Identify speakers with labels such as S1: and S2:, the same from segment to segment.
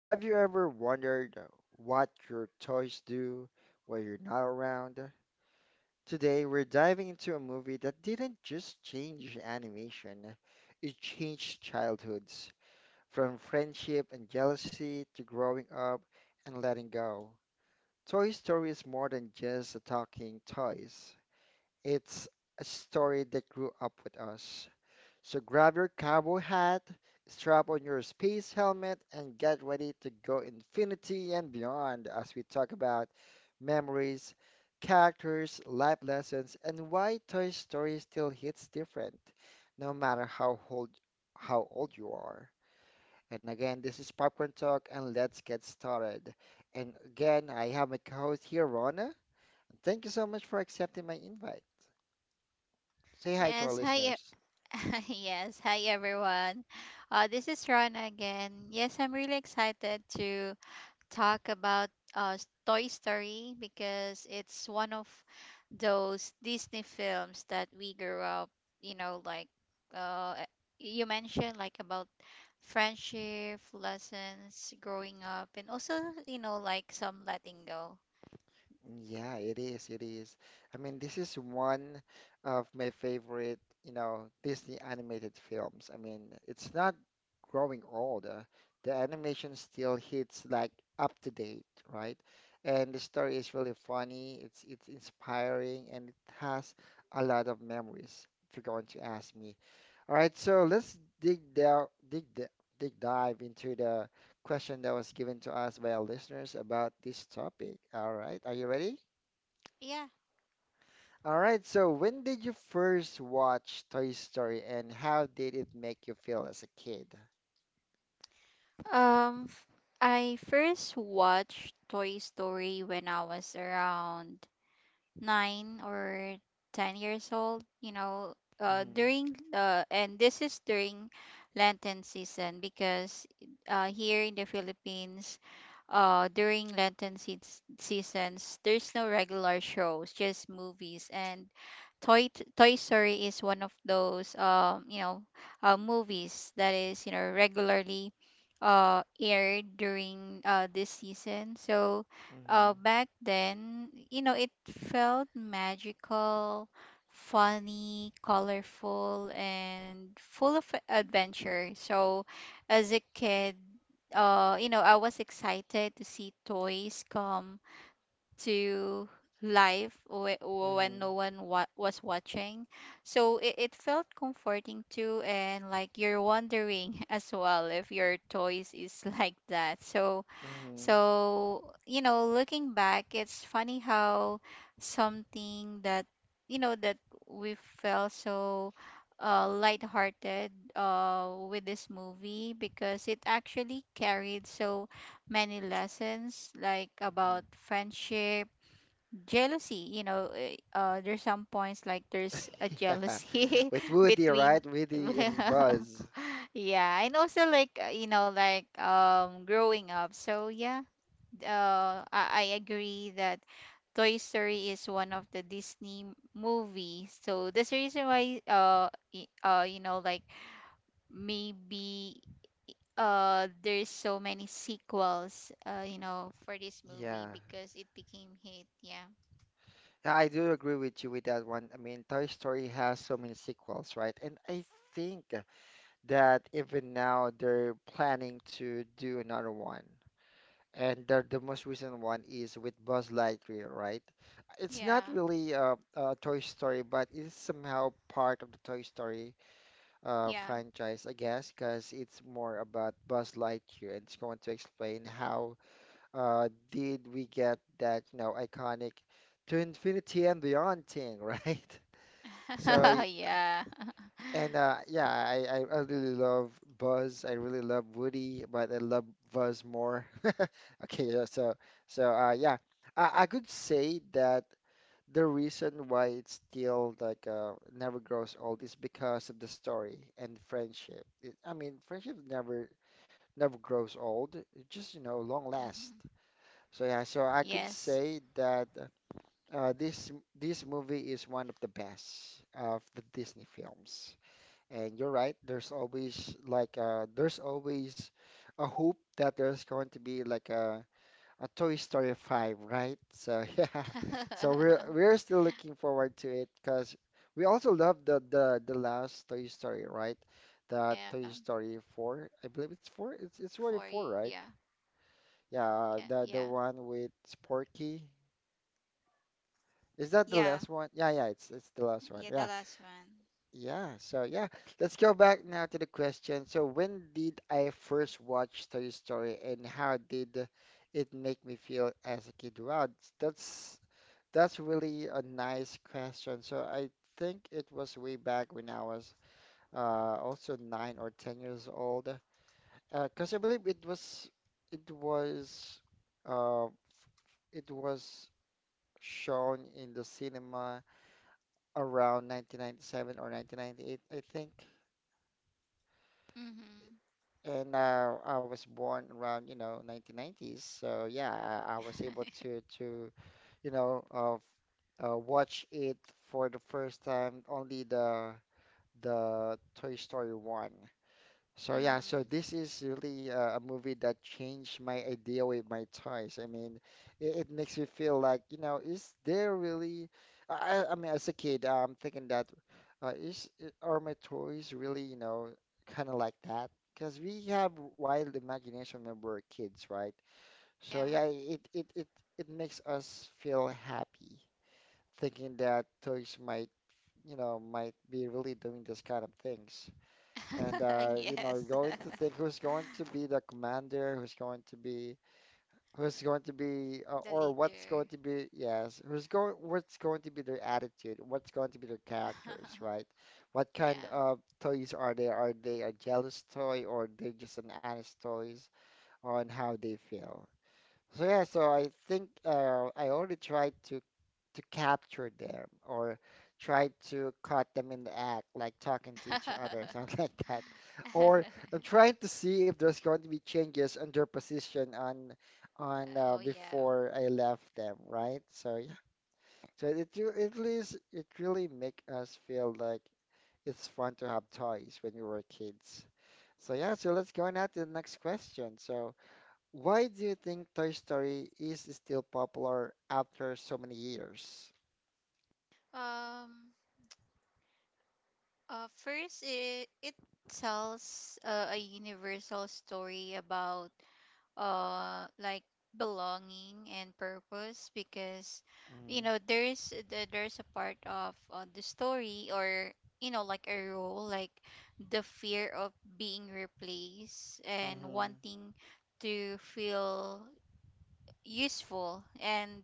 S1: Have you ever wondered what your toys do when you're not around? Today we're diving into a movie that didn't just change animation, it changed childhoods, from friendship and jealousy to growing up and letting go. Toy Story is more than just talking toys. It's a story that grew up with us. So grab your cowboy hat, strap on your space helmet, and get ready to go infinity and beyond as we talk about memories, characters, life lessons, and why Toy Story still hits different, no matter how old you are. And again, this is Popcorn Talk, and let's get started. And again, I have my co-host here, Rona. Thank you so much for accepting my invite. Say hi to
S2: Yes,
S1: our
S2: hi.
S1: listeners.
S2: Yes, hi everyone. This is Ron again. Yes, I'm really excited to talk about Toy Story because it's one of those Disney films that we grew up, you know, like uh, you mentioned, like about friendship, lessons, growing up, and also, you know, like some letting go.
S1: Yeah, it is. It is. I mean, this is one of my favorite, Disney animated films. I mean, it's not growing old. The animation still hits like up to date, right? And the story is really funny. It's inspiring, and it has a lot of memories, if you're going to ask me. All right, so let's dig down, dig, d- dig dive into the question that was given to us by our listeners about this topic. All right, are you ready?
S2: Yeah.
S1: All right, so when did you first watch Toy Story and how did it make you feel as a kid?
S2: Um, f- I first watched Toy Story when I was around 9 or 10 years old. You know,
S1: Mhm,
S2: during and this is during Lenten season because here in the Philippines, during Lenten seasons, there's no regular shows, just movies, and Toy Story is one of those movies that is, you know, regularly aired during this season. So
S1: mhm,
S2: back then, you know, it felt magical, funny, colorful and full of adventure. So as a kid, you know, I was excited to see toys come to live when
S1: mhm,
S2: no one wa- was watching, so it felt comforting too, and like you're wondering as well if your toys is like that. So
S1: mhm,
S2: so, you know, looking back, it's funny how something that, you know, that we felt so lighthearted with this movie, because it actually carried so many lessons, like
S1: mhm.
S2: about friendship, jealousy, you know. Eh, there's some points, like there's a
S1: Yeah,
S2: jealousy
S1: with Woody,
S2: between
S1: right? Woody and Buzz.
S2: yeah, and also like, you know like, growing up. So yeah, I agree that Toy Story is one of the Disney movies, so that's the reason why you know, like maybe there's so many sequels, you know, for this
S1: Yeah.
S2: movie because it became hit. Yeah.
S1: Yeah, I do agree with you with that one. I mean, Toy Story has so many sequels, right? And I think that even now they're planning to do another one. And the most recent one is with Buzz Lightyear, right? It's not
S2: Yeah.
S1: really a Toy Story, but it's somehow part of the Toy Story
S2: Yeah.
S1: franchise, I guess, because it's more about Buzz Lightyear, and it's going to explain how did we get that, you know, iconic to infinity and beyond thing, right? So
S2: Yeah.
S1: and yeah, I really love Buzz. I really love Woody, but I love Buzz more. Okay, yeah, so so yeah, I could say that the reason why it still like never grows old is because of the story and friendship. It, I mean, friendship never grows old. It just, you know, long
S2: Mhm.
S1: last. So yeah, so I could
S2: Yes.
S1: say that this this movie is one of the best of the Disney films. And you're right, there's always like there's always a hope that there's going to be like a Toy Story 5, right? So yeah. So we're we're still looking forward to it because we also love the the last Toy Story, right? The
S2: Yeah.
S1: Toy Story 4. I believe it's 4. It's
S2: Four.
S1: already
S2: Yeah.
S1: 4, right?
S2: Yeah. Yeah.
S1: Yeah, the one with Porky. Is that the
S2: Yeah.
S1: last one? Yeah, yeah, it's the last
S2: Yeah.
S1: one.
S2: The
S1: Yeah.
S2: last one.
S1: Yeah, so yeah, let's go back now to the question. So, when did I first watch Toy Story and how did it make me feel as a kid? Wow, that's that's really a nice question. So, I think it was way back when I was also 9 or 10 years old. 'Cause I believe it was uh it was shown in the cinema around 1997 or 1998, I think.
S2: Mhm.
S1: And I was born around, you know, 1990s. So yeah, I was able to you know uh, f- watch it for the first time, only the Toy Story one. So yeah,
S2: Mhm.
S1: so this is really a movie that changed my idea with my toys. I mean, it makes me feel like, you know, is there really? I mean, as a kid, I'm thinking that, are my toys really, you know, kind of like that? Because we have wild imagination when we're kids, right? So
S2: Yeah.
S1: yeah, it makes us feel happy thinking that toys might, you know, might be really doing this kind of things. And you know,
S2: Yes.
S1: going to think who's going to be the commander, who's going to be who's going to be
S2: The
S1: or what's going
S2: leader.
S1: to be, yes, who's going what's going to be their attitude, what's going to be their characters, right? What
S2: Yeah.
S1: kind of toys are they? Are they a jealous toy, or they just an honest toys on how they feel? So yeah, so I think I already tried to capture them or tried to caught them in the act, like talking to each other, something like that. Or I'm trying to see if there's going to be changes on their position on
S2: Oh yeah.
S1: before I left them, right? So yeah, so at least it really make us feel like it's fun to have toys when we were kids. So yeah, so let's go now to the next question. So, why do you think Toy Story is still popular after so many years?
S2: Um. First, it tells a universal story about like belonging and purpose, because you
S1: Mm-hmm.
S2: know there's a part of the story, or you know, like a role like the fear of being replaced and
S1: Mm-hmm.
S2: wanting to feel useful. and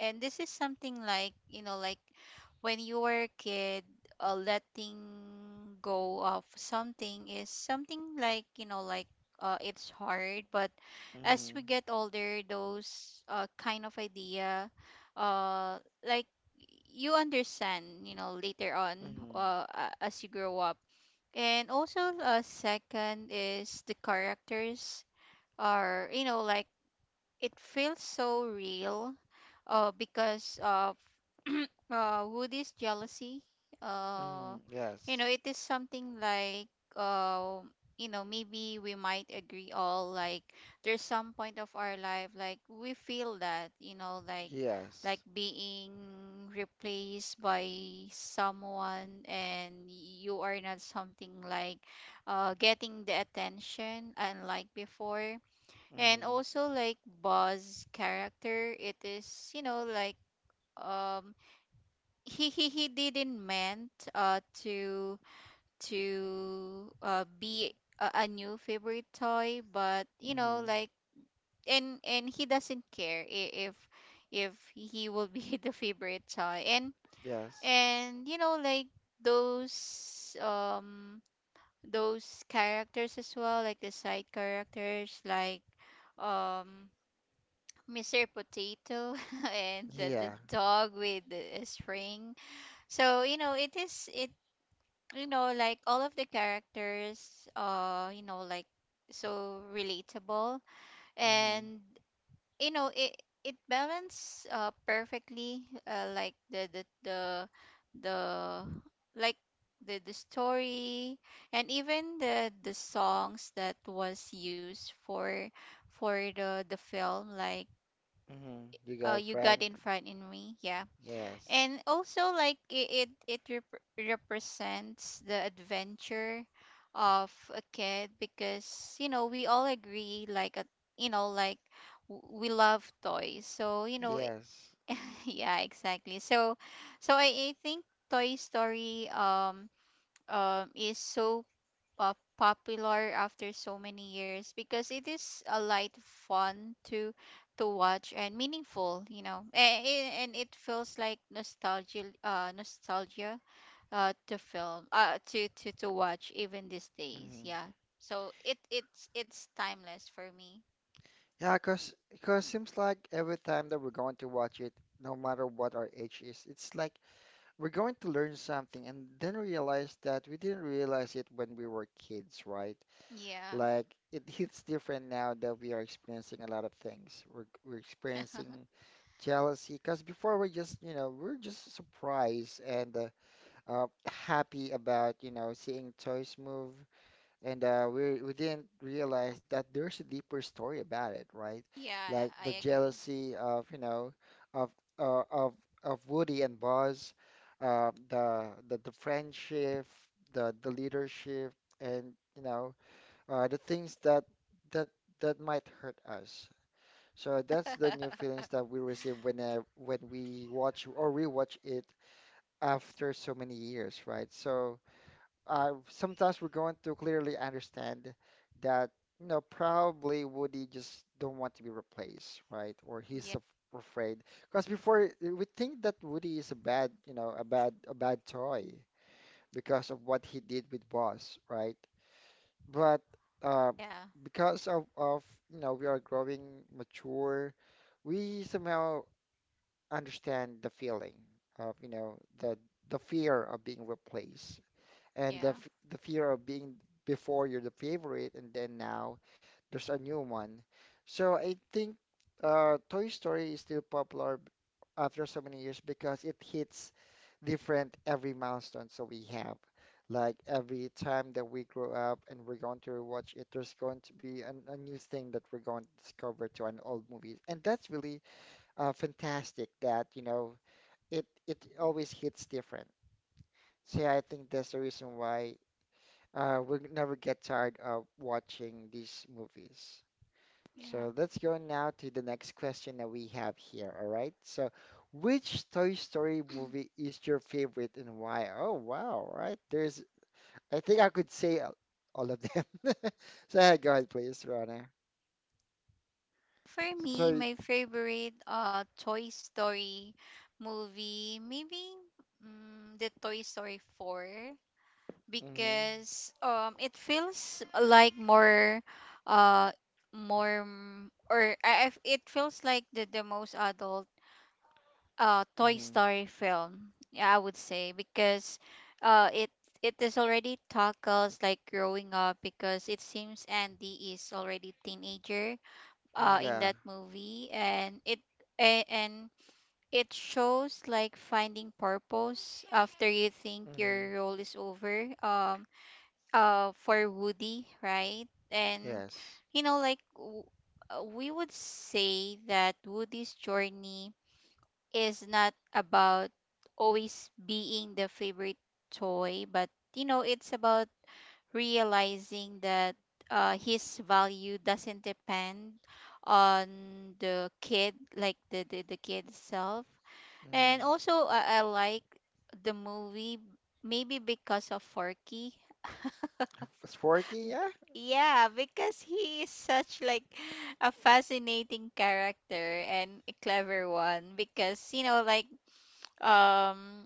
S2: and this is something like, you know, like when you were a kid, letting go of something is something like, you know, like it's hard, but as
S1: Mm-hmm.
S2: we get older those kind of idea, uh, like you understand, you know, later on,
S1: Mm-hmm.
S2: as you grow up. And also second is the characters are, you know, like it feels so real, because of Woody's jealousy.
S1: Mm-hmm.
S2: Uh, you know,
S1: Yes.
S2: it is something like, uh, you know, maybe we might agree all, like there's some point of our life like we feel that, you know,
S1: Yes.
S2: like being replaced by someone and you are not something like getting the attention unlike before. And
S1: Mm-hmm.
S2: also like Buzz character, it is, you know, like, um he didn't meant to be a new favorite toy, but you know
S1: Mm-hmm.
S2: like, and he doesn't care if he will be the favorite toy. and
S1: Yes.
S2: and you know like, those um those characters as well, like the side characters, like um Mr. Potato and the
S1: Yeah.
S2: dog with the string. So, you know, it is it, you know, like all of the characters, you know, like so relatable.
S1: Mm-hmm.
S2: And you know, it balance perfectly, like the like the story, and even the songs that was used for the film, like
S1: Mm-hmm. You got a
S2: you got
S1: friend?
S2: in front in me. Yeah.
S1: Yes.
S2: And also like it represents the adventure of a kid because you know we all agree like you know, like we love toys, so you know it-
S1: Yes.
S2: yeah, exactly. So I think Toy Story is so popular after so many years because it is a light, fun to watch and meaningful, you know. And it feels like nostalgia, nostalgia to film to watch even these days.
S1: Mm-hmm.
S2: Yeah, so it's timeless for me.
S1: Yeah, cause, cause seems like every time that we're going to watch it, no matter what our age is, it's like we're going to learn something and then realize that we didn't realize it when we were kids, right?
S2: Yeah.
S1: Like it hits different now that we are experiencing a lot of things. We're experiencing jealousy because before we're just, you know, we're just surprised and happy about, you know, seeing toys move. And we didn't realize that there's a deeper story about it, right?
S2: Yeah,
S1: Like
S2: I
S1: the
S2: agree.
S1: jealousy of, you know, of uh, of of Woody and Buzz, the friendship, the leadership, and you know the things that that that might hurt us. So that's the new feelings that we receive when we watch or rewatch it after so many years, right? So sometimes we're going to clearly understand that, you know, probably Woody just don't want to be replaced, right? Or he's
S2: Yeah.
S1: af afraid. Because before we think that Woody is a bad, you know, a bad toy because of what he did with Buzz, right? But uh,
S2: Yeah.
S1: because of you know, we are growing mature, we somehow understand the feeling of, you know, the fear of being replaced and
S2: Yeah.
S1: the fear of being, before you're the favorite, and then now there's a new one. So I think Toy Story is still popular after so many years because it hits different every milestone. So we have, like, every time that we grow up and we're going to watch it, there's going to be an, a new thing that we're going to discover to an old movie, and that's really fantastic that, you know, it always hits different. So yeah, I think that's the reason why we'll never get tired of watching these movies.
S2: Yeah.
S1: So let's go now to the next question that we have here. All right. So, which Toy Story movie is your favorite and why? Oh, wow. Right. There's, I think I could say all of them. So, yeah, go ahead, please, Rana.
S2: For me,
S1: So,
S2: my favorite Toy Story movie, maybe the Toy Story 4,
S1: mm-hmm,
S2: because it feels like more uh it feels like the most adult Toy
S1: mm-hmm,
S2: Story film. Yeah, I would say, because uh it it is already tackles like growing up, because it seems Andy is already teenager, in
S1: yeah,
S2: that movie. And and it shows like finding purpose after you think
S1: mm-hmm,
S2: your role is over. For Woody, right? And
S1: yes.
S2: you know like, we would say that Woody's journey is not about always being the favorite toy, but you know, it's about realizing that his value doesn't depend on the kid, like the kid itself.
S1: Mm-hmm.
S2: And also, I like the movie maybe because of Forky.
S1: Forky, yeah?
S2: Yeah, because he is such like a fascinating character and a clever one, because you know like, um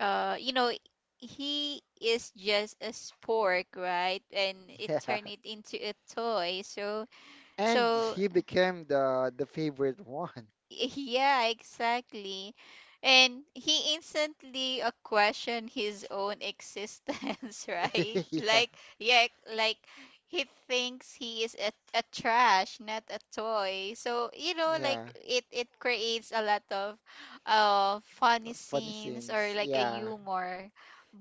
S2: you know, he is just a spork, right? And it
S1: Yeah.
S2: turned it into a toy. So
S1: And
S2: so
S1: he became the favorite one.
S2: yeah, exactly. And he instantly questioned his own existence right?
S1: Yeah.
S2: Like yeah, like he thinks he is a trash, not a toy. So you know like,
S1: Yeah,
S2: it creates a lot of funny
S1: funny
S2: scenes, or
S1: scenes.
S2: like a
S1: Yeah,
S2: humor.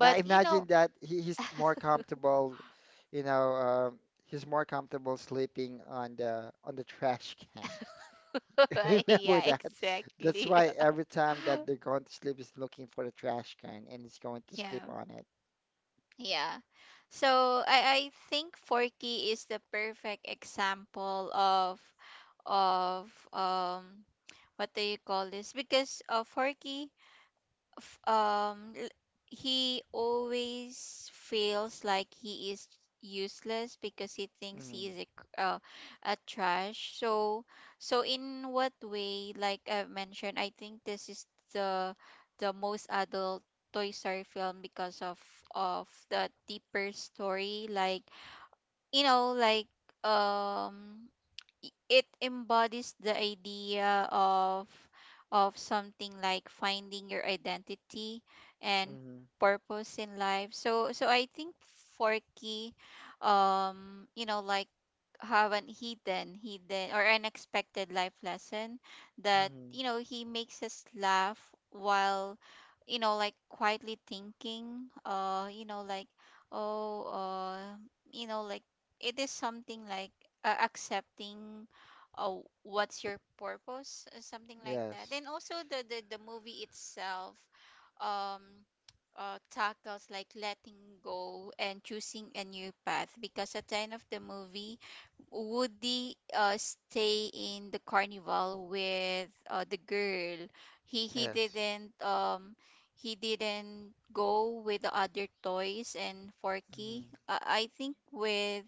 S1: yeah.
S2: you know,
S1: Imagine that he, he's more comfortable, you know, he's more comfortable sleeping on the trash can. Remember
S2: yeah,
S1: that? That's
S2: exactly.
S1: why every time that they're going to sleep, he's looking for the trash can and he's going to sleep
S2: Yeah,
S1: on it.
S2: yeah. So I think Forky is the perfect example of of um what do you call this? Because f- um l- he always feels like he is useless, because he thinks he
S1: Mm,
S2: is a trash. So, so in what way like I mentioned, I think this is the the most adult Toy Story film because of the deeper story, like you know like, um it embodies the idea of something like finding your identity and
S1: mm,
S2: purpose in life. So so I think Forky, you know like, have an hidden or unexpected life lesson, that
S1: mm.
S2: you know he makes us laugh while you know like quietly thinking, you know like, oh, you know like, it is something like accepting uh, what's your purpose, something like that.
S1: Yes,
S2: And also the movie itself, um tackles like letting go and choosing a new path, because at the end of the movie, Woody stay in the carnival with the girl. He
S1: yes,
S2: didn't he didn't go with the other toys, and
S1: mm,
S2: Forky, I think, with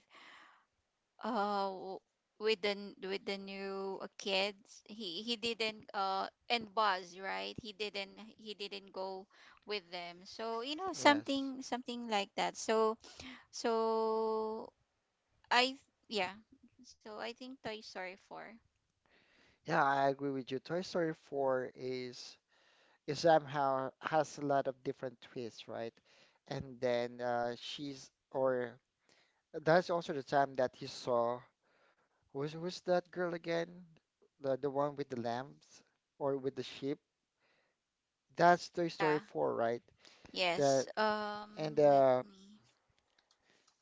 S2: uh w- with the with the new kids, he didn't and Buzz, right? He didn't, he didn't go with them. So, you know,
S1: yes.
S2: something something like that. So so I yeah so I think Toy Story 4.
S1: Yeah, I agree with you. Toy Story 4 is. It somehow has a lot of different twists, right? And then she's, or that's also the time that he saw, who's that girl again? The one with the lambs or with the sheep? That's Toy Story
S2: Yeah.
S1: 4, right?
S2: Yes,
S1: That and
S2: let
S1: uh
S2: me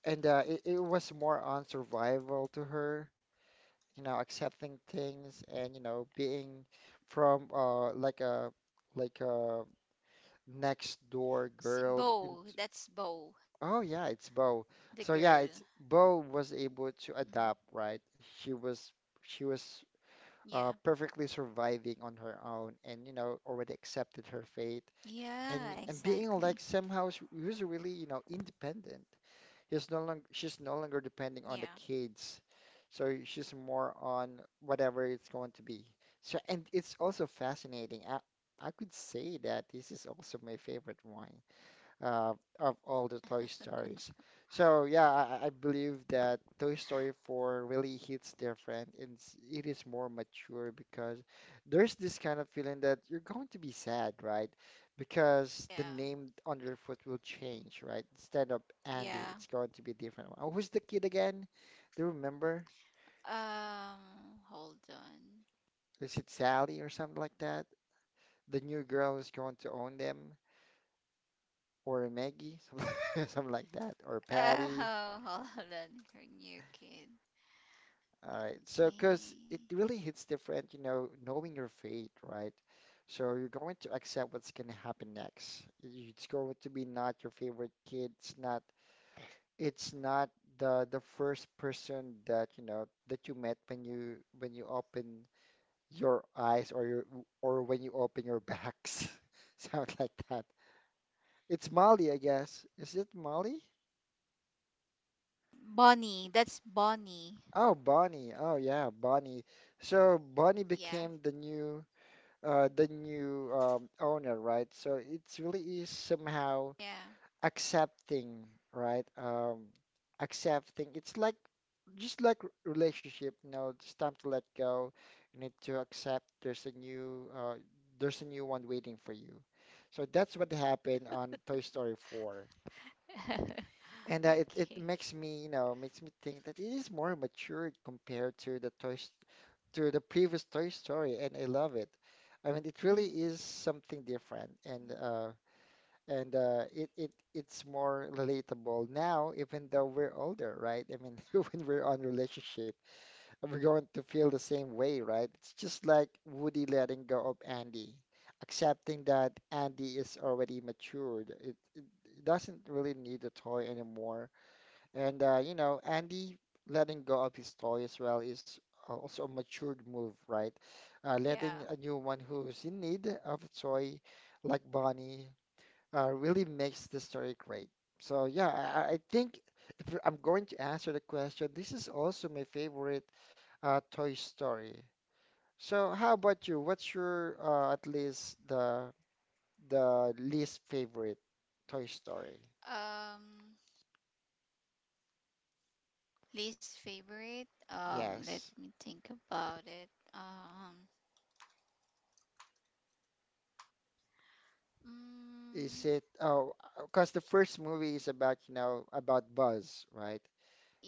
S1: and it, it was more on survival to her, you know, accepting things and you know being from like a next
S2: see.
S1: door girl
S2: Bo,
S1: in.
S2: that's Bo,
S1: Oh yeah, it's
S2: the
S1: Bo.
S2: girl.
S1: So yeah, it's Bo
S2: Mm,
S1: was able to adapt, right? She was she
S2: yeah.
S1: was uh, perfectly surviving on her own, and you know already accepted her fate,
S2: Yeah, exactly.
S1: and being like somehow she was really, you know, independent. She's no
S2: Yeah.
S1: longer depending on the kids, so she's more on whatever it's going to be. So and it's also fascinating. I could say that this is also my favorite one uh, of all the Toy Stories. So yeah, I believe that Toy Story 4 really hits different and it is more mature because there's this kind of feeling that you're going to be sad, right?
S2: Yeah.
S1: Because the name Underfoot will change, right? Instead of
S2: Yeah.
S1: Andy, it's going to be different. Oh, who's the kid again? Do you remember?
S2: Um, hold on.
S1: Is it Sally or something like that? The new girl is going to own them, or Maggie, something like that, or
S2: Oh,
S1: Patty.
S2: hold on. Her new kid.
S1: All right. So, because
S2: Okay.
S1: it really hits different, knowing your fate, right? So you're going to accept what's going to happen next. It's going to be not your favorite kid. It's not. It's not the first person that you know that you met when you open your eyes or your or when you open your backs. Sound like that. It's Molly, I guess. Is it Molly?
S2: Bonnie. That's Bonnie.
S1: Oh, Bonnie. Oh, yeah, Bonnie. So Bonnie
S2: Yeah.
S1: became the new. The new owner, right? So it's really is somehow
S2: Yeah.
S1: accepting, right? Accepting. It's like just like relationship, you know, it's time to let go. You need to accept there's a new one waiting for you. So that's what happened on Toy Story 4.
S2: Okay.
S1: It makes me, you know, makes me think that it is more mature compared to the to the previous Toy Story, and I love it. I mean, it really
S2: Mm.
S1: is something different, and
S2: Mm.
S1: uh, and uh, it's more relatable now, even though we're older, right? I mean, when we're on relationship, we're going to feel the same way, right? It's just like Woody letting go of Andy, accepting that Andy is already matured. It doesn't really need a toy anymore and you know, Andy letting go of his toy as well is also a matured move, right? Letting
S2: Yeah.
S1: a new one who's in need of a toy, like Bonnie, really makes the story great. So yeah, I think if I'm going to answer the question, this is also my favorite Toy Story. So how about you? What's your at least the least favorite Toy Story?
S2: Um, least favorite. Let
S1: Yes.
S2: me think about it. Um, mm,
S1: Is it, oh, because the first movie is about, you know, about Buzz, right?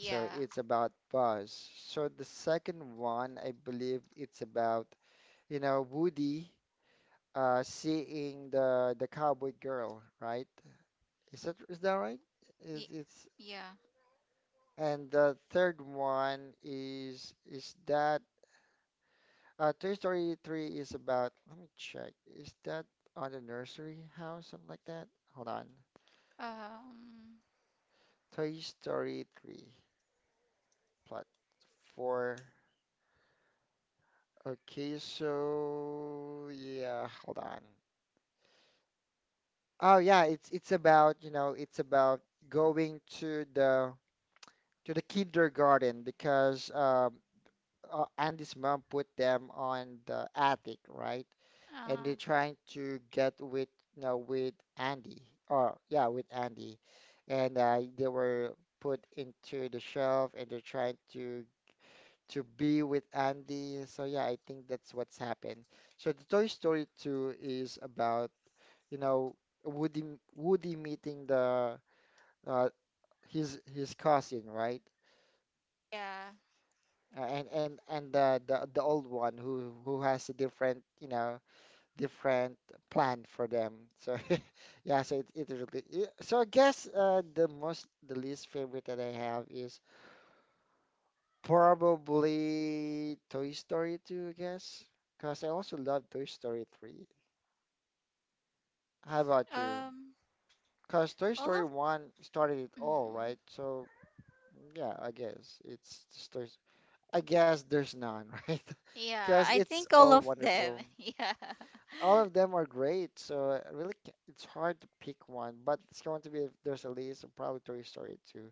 S1: So it's about Buzz. So the second one, I believe it's about, you know, Woody seeing the cowboy girl, right? Is that right? Is
S2: Y-
S1: it's
S2: yeah.
S1: And the third one is that Toy Story 3 is about, let me check. Is that on the nursery house, something like that? Hold on.
S2: Um,
S1: Toy Story 3. Plat four. Okay, so yeah, hold on. Oh yeah, it's about, you know, it's about going to the kindergarten because Andy's mom put them on the attic, right? And
S2: uh,
S1: they're trying to get with, you know, with Andy. Or yeah, with Andy. And they were put into the shelf and they're trying to be with Andy. So yeah, I think that's what's happened. So the Toy Story 2 is about, you know, Woody Woody meeting the uh, his cousin, right?
S2: yeah.
S1: And the old one who has a different, you know, different plan for them. So yeah, so it really it, so I guess the least favorite that I have is probably Toy Story 2, I guess, because I also love Toy Story 3. How about you?
S2: Um,
S1: Because Toy
S2: all of.
S1: Story 1 started it all,
S2: Mm.
S1: right? So, yeah, I guess it's just I guess there's none, right?
S2: Yeah,
S1: Because
S2: I
S1: it's
S2: think all
S1: all
S2: of them.
S1: wonderful. All of them are great, so I really, it's hard to pick one, but it's going to be, if there's a list, probably Toy Story 2.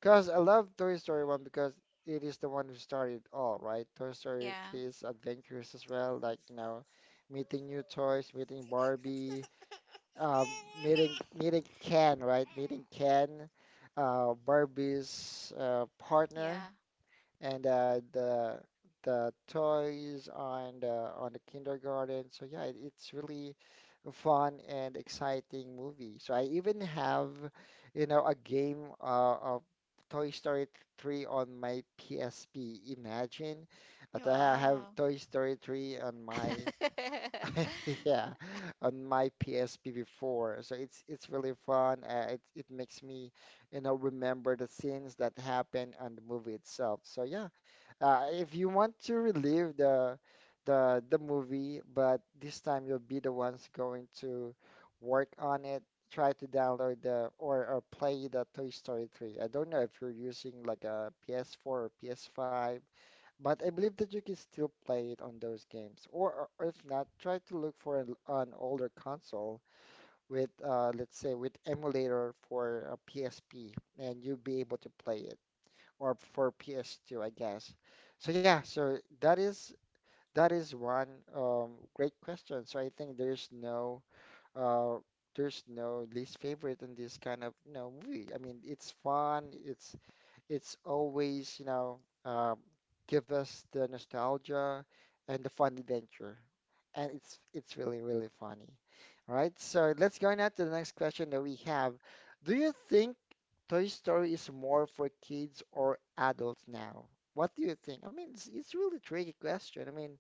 S1: Because I love Toy Story 1 because it is the one who started it all, right? Toy Story
S2: Yeah.
S1: 3 is adventurous as well, like, you know, meeting new toys, meeting
S2: Yeah.
S1: Barbie, meeting Ken, right? Meeting Ken, Barbie's partner
S2: Yeah.
S1: and the toys on the kindergarten. So yeah, it, it's really a fun and exciting movie. So I even have, you know, a game of Toy Story 3 on my PSP. Imagine that I have
S2: Wow.
S1: Toy Story 3 on my Yeah, on my PSP before. So it's really fun. It it makes me, you know, remember the scenes that happen on the movie itself. So yeah, if you want to relive the the movie, but this time you'll be the ones going to work on it. Try to download the or play the Toy Story 3. I don't know if you're using like a PS4 or PS5 but I believe that you can still play it on those games, or if not, try to look for an older console with, let's say, with emulator for a PSP, and you'll be able to play it, or for PS2, I guess. So yeah, so that is one great question. So I think uh, there's no least favorite in this kind of you know movie. I mean, it's fun, it's always, you know, um, give us the nostalgia and the fun adventure. And it's really, really funny. All right, so let's go now to the next question that we have. Do you think Toy Story is more for kids or adults now? What do you think? I mean, it's really tricky question. I mean,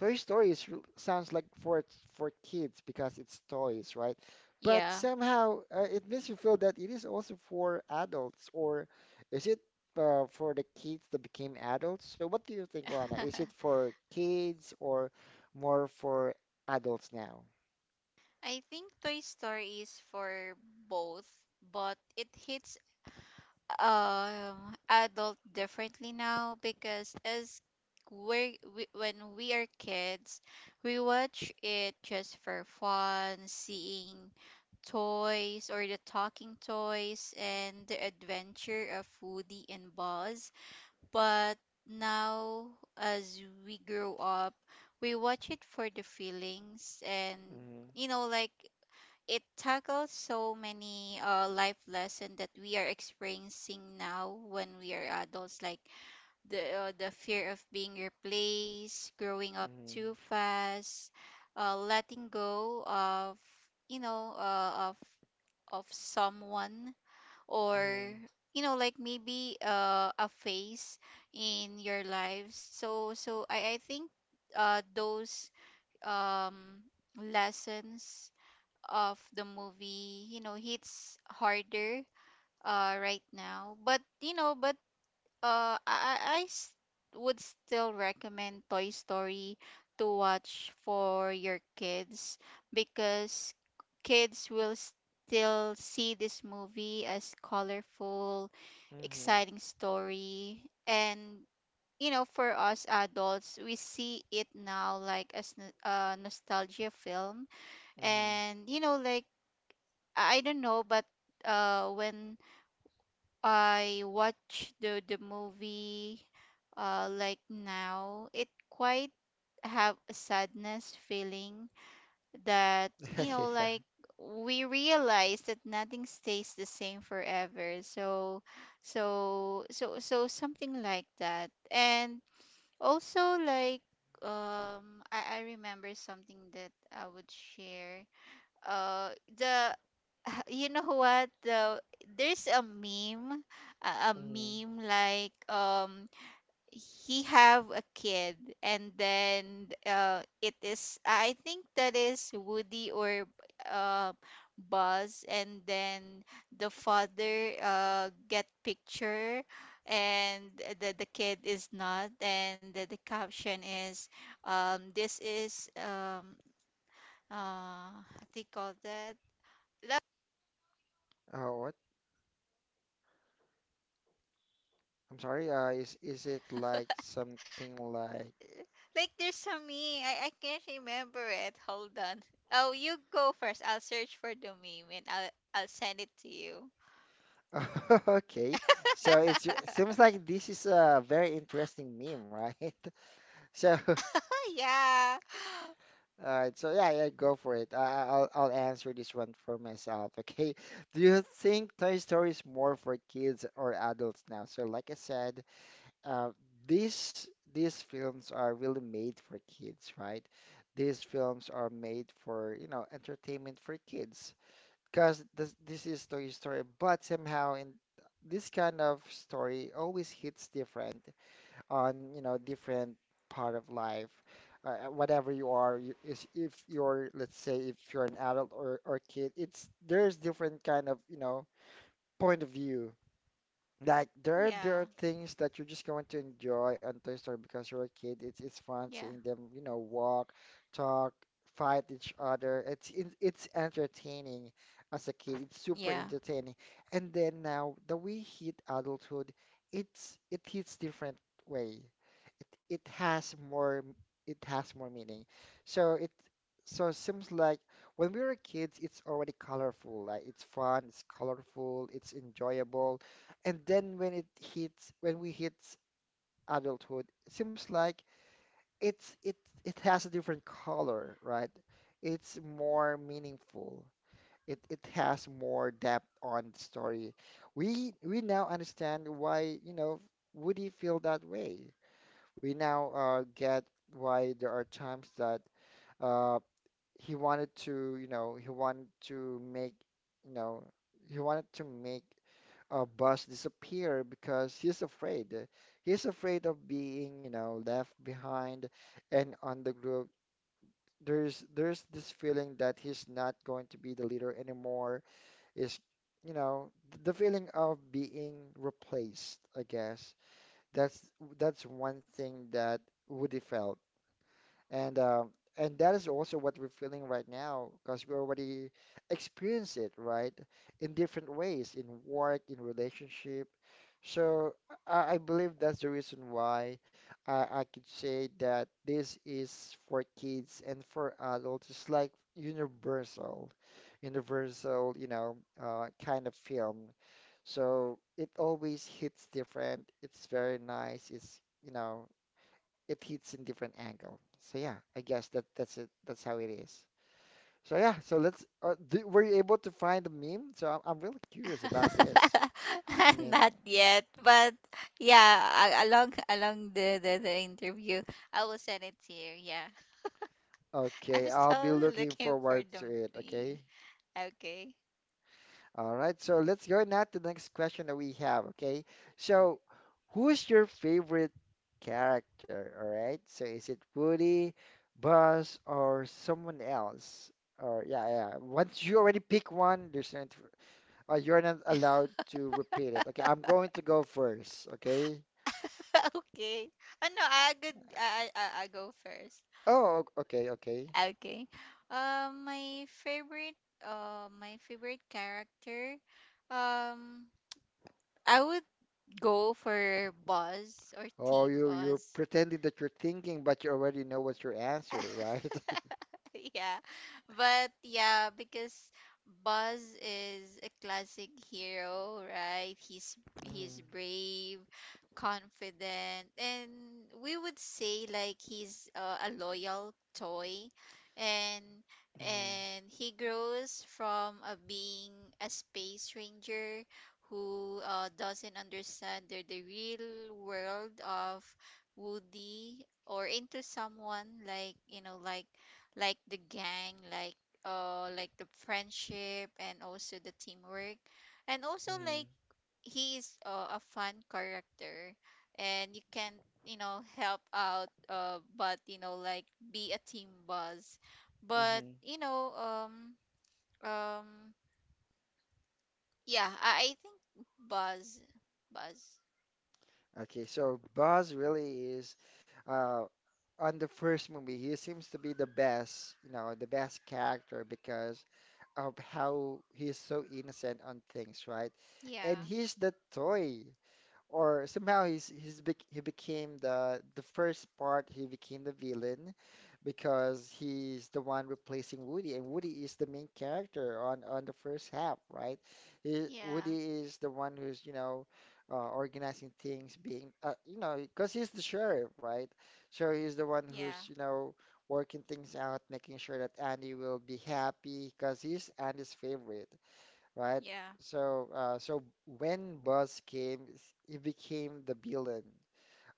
S1: Toy Story is, sounds like for kids because it's toys, right? But
S2: Yeah.
S1: somehow it makes you feel that it is also for adults, or is it for the kids that became adults? So what do you think, Rana? Is it for kids or more for adults now?
S2: I think Toy Story is for both, but it hits adult differently now, because as we're, we when we are kids, we watch it just for fun, seeing toys or the talking toys and the adventure of Woody and Buzz. But now, as we grow up, we watch it for the feelings, and
S1: Mm-hmm.
S2: you know, like it tackles so many life lessons that we are experiencing now when we are adults, like the fear of being replaced, growing up
S1: Mm-hmm.
S2: too fast, letting go of you know uh, of of someone, or you know like maybe a phase in your lives. So I think those um, lessons of the movie hits harder right now, but uh, I I I s- would still recommend Toy Story to watch for your kids, because kids will still see this movie as colorful,
S1: Mm-hmm. Mm-hmm.
S2: exciting story. And for us adults, we see it now like a nostalgia film.
S1: Mm-hmm.
S2: And I don't know, but when I watch the movie like now, it quite have a sadness feeling that
S1: Yeah.
S2: we realize that nothing stays the same forever. So something like that. And also, like, I remember something that I would share. Uh the You know what, though, there's a meme. A
S1: Mm-hmm.
S2: meme like, he have a kid, and then it is, I think that is Woody or uh Buzz, and then the father get picture, and the kid is not, and the caption is, this is, what do you call that?
S1: Oh, what? I'm sorry. Is it like something like?
S2: Like, there's some meme. I can't remember it. Hold on. Oh, you go first. I'll search for the meme and I'll send it to you.
S1: Okay, so it's seems like this is a very interesting meme, right? So,
S2: yeah.
S1: all right, so yeah, yeah, go for it. I'll I'll answer this one for myself. Okay, do you think Toy Story is more for kids or adults now? So, like I said, uh, these films are really made for kids, right? These films are made for, you know, entertainment for kids. Because this is story but somehow in this kind of story always hits different on you know different part of life whatever you are you, is if you're let's say if you're an adult or kid it's there's different kind of you know point of view like
S2: Yeah.
S1: there are things that you're just going to enjoy on Toy Story because you're a kid. It's
S2: Yeah.
S1: fun seeing them, you know, walk, talk, fight each other. It's entertaining as a kid. It's
S2: Yeah.
S1: super entertaining. And then now that we hit adulthood, it hits different way. It has more it has more meaning. So it so it seems like when we were kids, it's already colorful. Like it's fun, it's colorful, it's enjoyable and then when it hits, when we hit adulthood, it seems like it it has a different color, right? It's more meaningful. It has more depth on the story. We now understand why, you know, Woody feel that way. We now get why there are times that uh, he wanted to, you know, you know, he wanted to make Buzz disappear because he's afraid. He's afraid of being, you know, left behind and on the group. There's this feeling that he's not going to be the leader anymore. Is, you know, the feeling of being replaced, I guess. That's that's one thing that Woody felt. And um, and that is also what we're feeling right now because we already experience it, right? In different ways, in work, in relationship. So I believe that's the reason why I could say that this is for kids and for adults. It's like universal, you know, kind of film. So it always hits different. It's very nice. It's, you know, it hits in different angle. So yeah, I guess that that's it. That's how it is. So yeah, so let's. Do, were you able to find the meme? So I'm really curious about this. I mean,
S2: Not yet, but yeah, along the interview, I will send it to you. Yeah. I'm
S1: okay, I'll be
S2: still
S1: looking
S2: looking for
S1: forward
S2: the
S1: to it.
S2: meme.
S1: Okay.
S2: Okay.
S1: All right. So let's go now to the next question that we have. Okay. So who's your favorite character? All right. So is it Woody, Buzz, or someone else? Or yeah, yeah. Once you already pick one, there's no need Oh, you're not allowed to repeat it. Okay, I'm going to go first. Okay.
S2: okay. Oh no, I could I'll go first.
S1: Oh, okay, okay.
S2: Ah, okay. My favorite character, um, I would go for Buzz or
S1: Oh,
S2: Team
S1: you you're
S2: Buzz.
S1: pretending that you're thinking, but you already know what's your answer, right?
S2: yeah. But yeah, because Buzz is a classic hero, right?
S1: Mhm,
S2: He's brave, confident, and we would say like he's a loyal toy, and
S1: mhm,
S2: and he grows from being a space ranger who doesn't understand the real world of Woody, or into someone like, like the gang, like the friendship and also the teamwork. And also
S1: mhm,
S2: like, he is a fun character, and you can, help out, but be a team Buzz.
S1: mhm.
S2: But um yeah, I think Buzz. buzz
S1: Okay, so Buzz really is, uh, on the first movie, he seems to be the best, you know, the best character because of how he's so innocent on things, right? And
S2: yeah.
S1: he's the toy, or somehow he became the first part. He became the villain because he's the one replacing Woody, and Woody is the main character on the first half, right?
S2: Yeah.
S1: Woody is the one who's, you know, organizing things, being you know, because he's the sheriff, right? So he's the one
S2: Yeah.
S1: who's, you know, working things out, making sure that Andy will be happy because he's Andy's favorite, right?
S2: Yeah.
S1: So, so when Buzz came, he became the villain.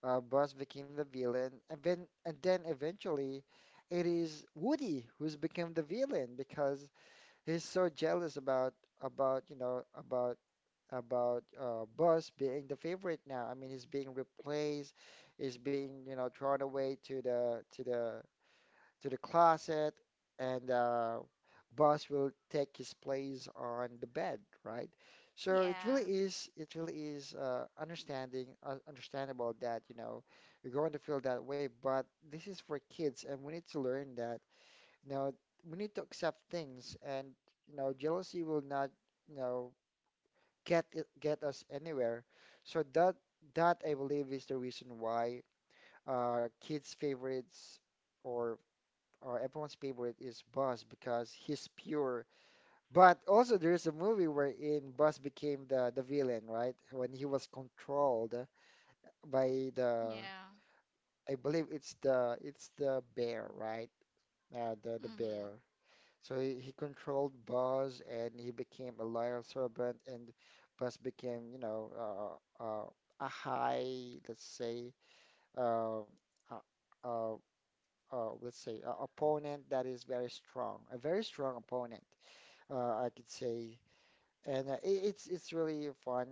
S1: Buzz became the villain, and then eventually, it is Woody who's become the villain because he's so jealous about about you know about Buzz being the favorite now. I mean, he's being replaced, he's being, you know, thrown away to the to the closet, and boss will take his place on the bed, right? So it really
S2: Yeah.
S1: is, it really is, understandable that, you know, you're going to feel that way, but this is for kids, and we need to learn that, you know, we need to accept things, and, you know, jealousy will not, you know, get us anywhere. So that, I believe, is the reason why kids' favorites or or everyone's favorite is Buzz, because he's pure. But also there is a movie wherein Buzz became the villain, right? When he was controlled by the,
S2: Yeah.
S1: I believe it's the bear, right? The the
S2: Mhm.
S1: bear. So he controlled Buzz and he became a loyal servant, and Buzz became, you know, a high, let's say, uh, uh, uh, let's say, opponent that is very strong, a very strong opponent, I could say. And it's really fun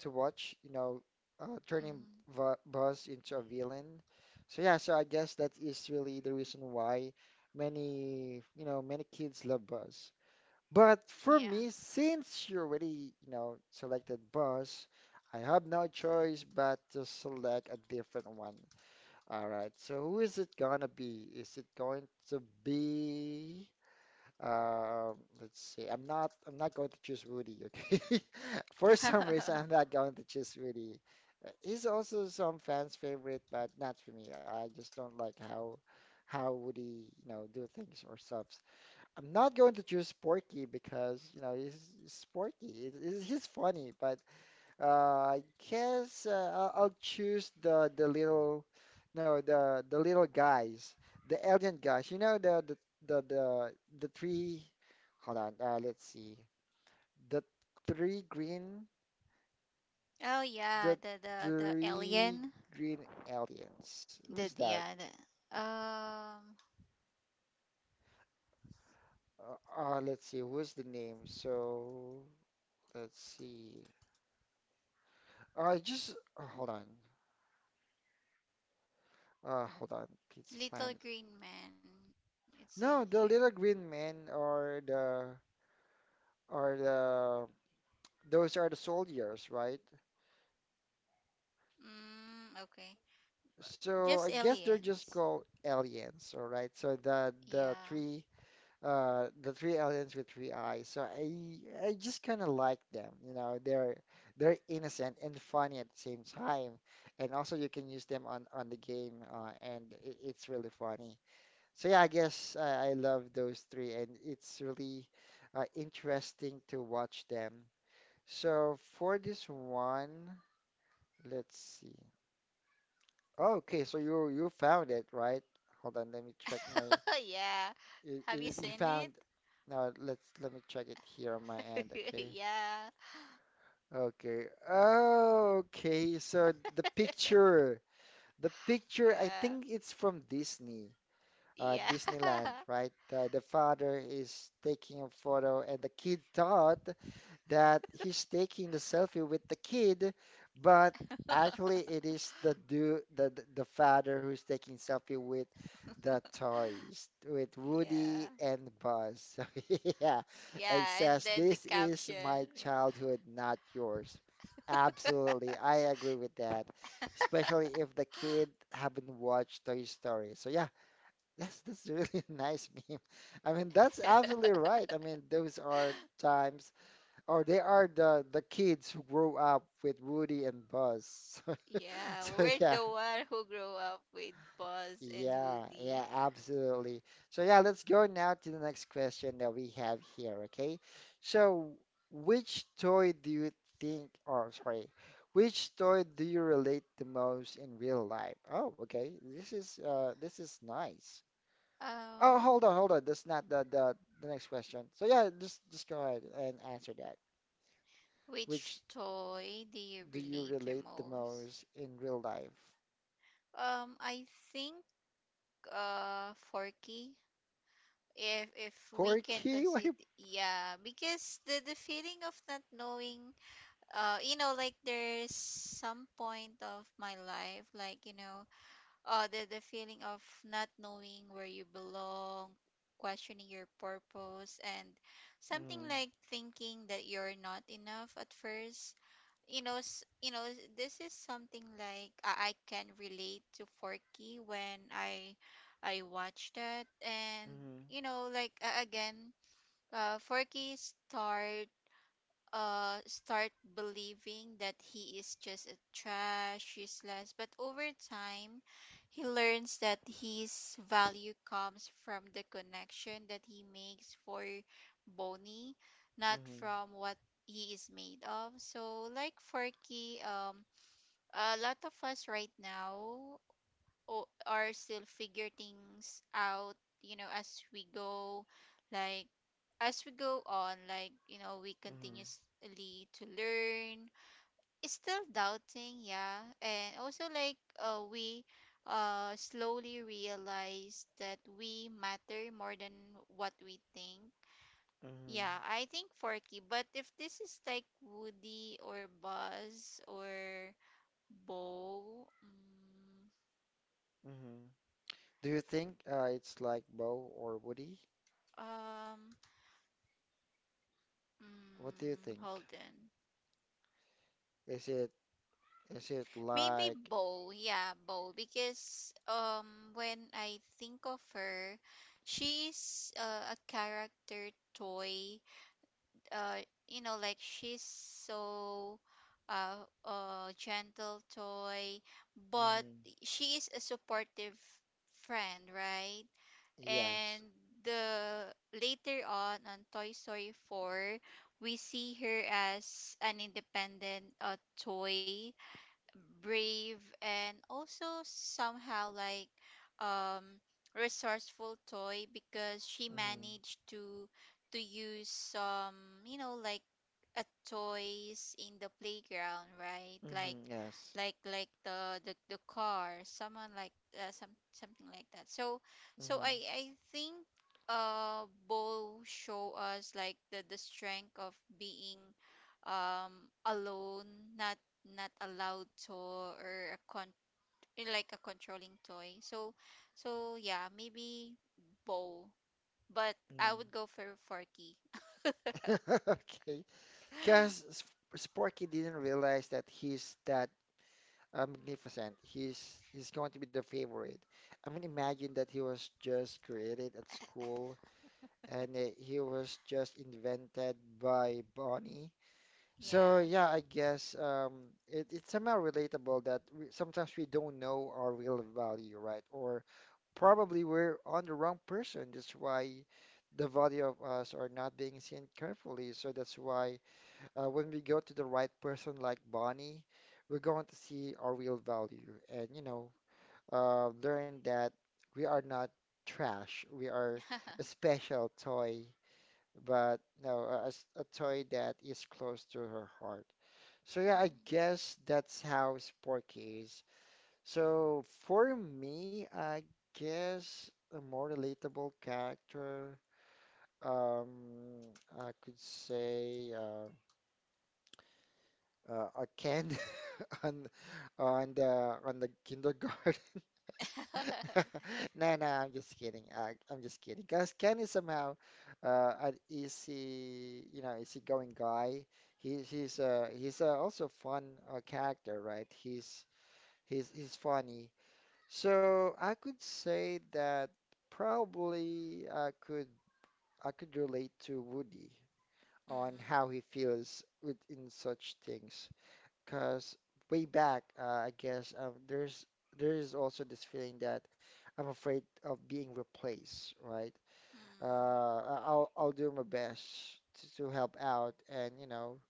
S1: to watch, you know, turning
S2: Mhm.
S1: v Buzz into a villain. So yeah, so I guess that is really the reason why many, you know, many kids love Buzz. But for
S2: Yeah.
S1: me, since you already, you know, selected Buzz, I have no choice but to select a different one. All right, so who is it gonna be? Is it going to be? Uh, let's see. I'm not going to choose Rudy. Okay. For some reason, I'm not going to choose Rudy. He's also some fans' favorite, but not for me. I just don't like how Woody, you know, do things or subs. I'm not going to choose Porky because you know he's Porky. He's funny, but uh, I guess I'll choose the little no the the little guys, the alien guys. You know the the, the three. Hold on. Let's see. The three green,
S2: Oh
S1: the
S2: yeah, the
S1: three
S2: alien.
S1: green aliens. Who's
S2: The
S1: that?
S2: yeah, the um
S1: Let's see. Who's the name? So let's see. I just Oh, hold on. Hold on. Pizza
S2: little
S1: Planet.
S2: green man. It's say here.
S1: No, the little green men, or the, are the, those are the soldiers, right?
S2: Mm, okay. Just
S1: So I guess
S2: aliens.
S1: they're just called aliens, all right? So the
S2: Yeah.
S1: the three, the three aliens with three eyes. So I just kind of like them, you know. They're innocent and funny at the same time, and also you can use them on the game, and it's really funny. So yeah, I guess I love those three, and it's really interesting to watch them. So for this one. Let's see. Okay, so you found it, right? Hold on, let me check my,
S2: Yeah. Have you seen
S1: you
S2: it?
S1: found, now let me check it here on my end, okay?
S2: Yeah.
S1: Okay. Okay, so the picture, I
S2: Yeah.
S1: think it's from Disney,
S2: Yeah.
S1: Disneyland, right? The father is taking a photo and the kid thought that he's taking the selfie with the kid, but actually it is the do the father who's taking selfie with the toys, with Woody
S2: Yeah.
S1: and Buzz. So yeah, and
S2: Yeah, and
S1: says
S2: then the
S1: this is
S2: caption.
S1: my
S2: Yeah.
S1: childhood, not yours. Absolutely, I agree with that. Especially if the kid haven't watched Toy Story. So yeah, that's a really nice meme. I mean, that's absolutely right. I mean, those are times. Oh, they are the kids who grew up with Woody and Buzz.
S2: Yeah,
S1: So
S2: we're
S1: yeah,
S2: the one who grew up with Buzz and
S1: yeah, yeah,
S2: Woody.
S1: absolutely. So yeah, let's go now to the next question that we have here, okay? So which toy do you think, or sorry, which toy do you relate the most in real life? Oh, okay. This is nice. Oh,
S2: Um,
S1: hold on, hold on. That's not the next question. So yeah, just go ahead and answer that.
S2: which
S1: Which
S2: toy do you
S1: do you
S2: relate the
S1: relate the
S2: most?
S1: most in real life?
S2: I think Forky. If we can
S1: Quirky? Why?
S2: consider, yeah, because the feeling of not knowing, you know, like there's some point of my life, like you know, oh, the feeling of not knowing where you belong, questioning your purpose, and
S1: Mm,
S2: something like thinking that you're not enough at first. You know, you know, this is something like I can relate to Forky when I watch that. And
S1: mm,
S2: you know, like, again, Forky start believing that he is just a trash, useless. But over time, he learns that his value comes from the connection that he makes for Bonnie, not
S1: mm,
S2: from what he is made of. So like Forky, a lot of us right now are still figure things out, you know, as we go, like, as we go on, like, you know, we
S1: mm,
S2: continuously to learn. It's still doubting, yeah. And also like, we slowly realize that we matter more than what we think.
S1: mm,
S2: Yeah, I think Forky. But if this is like Woody or Buzz or Bo,
S1: mm. Do you think it's like Bo or Woody?
S2: um
S1: What do you
S2: mm,
S1: think?
S2: hold on.
S1: Is it, is it
S2: Maybe
S1: like,
S2: Bo. Yeah, Bo. Because, when I think of her, she's a character toy. You know, like she's so gentle toy, but
S1: mm,
S2: she is a supportive friend, right?
S1: yes.
S2: And the later on Toy Story 4, we see her as an independent toy, brave, and also somehow like um resourceful toy, because she
S1: Mm,
S2: managed to use some, you know, like a toys in the playground, right?
S1: mm,
S2: Like,
S1: yes.
S2: the car, someone like, some something like that. So
S1: Mm,
S2: I think both show us like the strength of being, alone, not not allowed to, or a con, eh, like a controlling toy. So yeah, maybe bow, but
S1: mm.
S2: I would go for Forky.
S1: Okay. Because Sparky didn't realize that he's that magnificent. He's going to be the favorite. I mean, imagine that he was just created at school and he was just invented by Bonnie. So
S2: Yeah.
S1: yeah, I guess it's somehow relatable that we, sometimes we don't know our real value, right? Or probably we're on the wrong person. That's why the value of us are not being seen carefully. So that's why when we go to the right person like Bonnie, we're going to see our real value and, you know, learn that we are not trash. We are a special toy, but no, a toy that is close to her heart. So yeah, I
S2: Mhm.
S1: guess that's how Sporky is. So for me, I guess a more relatable character, um, I could say a Ken, on the kindergarten.
S2: Mm,
S1: No, no, I'm just kidding. I'm just kidding. Because Ken is somehow an easy, you know, easygoing guy. He's also a fun character, right? He's funny. So I could say that probably I could relate to Woody on how he feels with in such things because way back, I guess there is also this feeling that I'm afraid of being replaced, right?
S2: mm,
S1: I'll do my best to help out, and you know,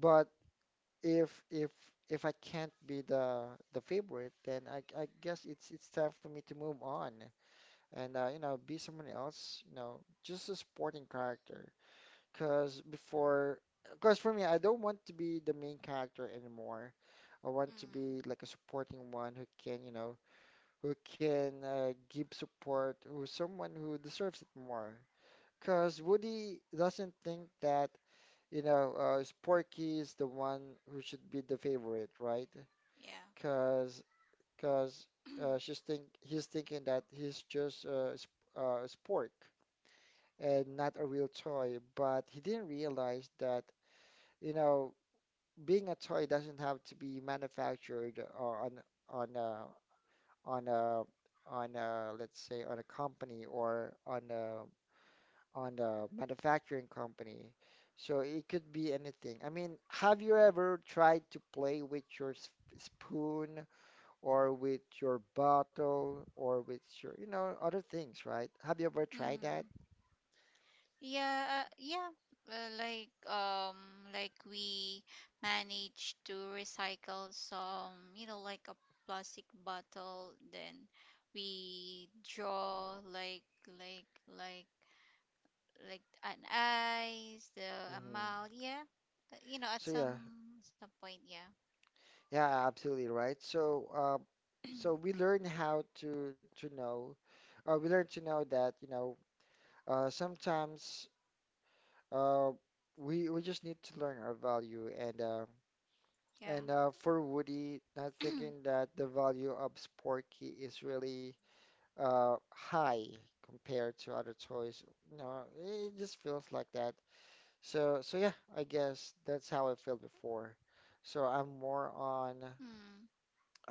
S1: but if if if I can't be the favorite, then I guess it's time for me to move on and you know be someone else, you know, just a supporting character. Because before, because for me, I don't want to be the main character anymore. I want to be
S2: mm,
S1: like a supporting one who can, you know, who can give support, who's someone who deserves it more. Because Woody doesn't think that, you know, Sporky is the one who should be the favorite, right?
S2: yeah.
S1: Because because she's think he's thinking that he's just sp spork and not a real toy. But he didn't realize that, you know, being a toy doesn't have to be manufactured on uh, on a on a let's say on a company or on a manufacturing company. So it could be anything. I mean, have you ever tried to play with your spoon or with your bottle or with your, you know, other things, right? Have you ever tried that?
S2: Mm-hmm. Yeah, yeah. Like, like we managed to recycle some, you know, like a plastic bottle, then we draw like like like an eyes, the
S1: Hmm.
S2: amount, yeah. You know,
S1: So
S2: at
S1: yeah,
S2: some point, yeah.
S1: yeah, absolutely right. So so we learn how to know, we learn to know that, you know, sometimes, Uh, we we just need to learn our value and
S2: Yeah.
S1: for Woody, not thinking that the value of Sporky is really high compared to other toys. You know, it just feels like that. So so yeah, I guess that's how I felt before. So I'm more on,
S2: Mm.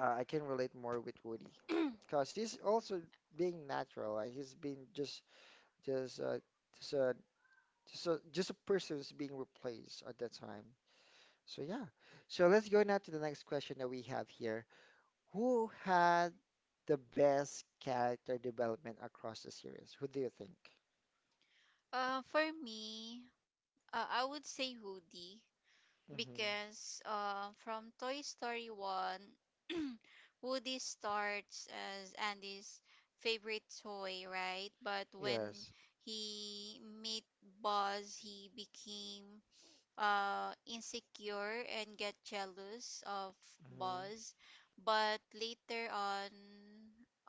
S1: I can relate more with Woody, cause he's also being natural. Like he's being just uh, just a just a person who's being replaced at that time. So yeah. So let's go now to the next question that we have here. Who had the best character development across the series? Who do you think?
S2: For me, I would say Woody, because
S1: Mm-hmm.
S2: from Toy Story 1, Woody starts as Andy's favorite toy, right? But when
S1: Yes.
S2: he met Buzz, he became insecure and get jealous of
S1: Mm-hmm.
S2: Buzz. But later on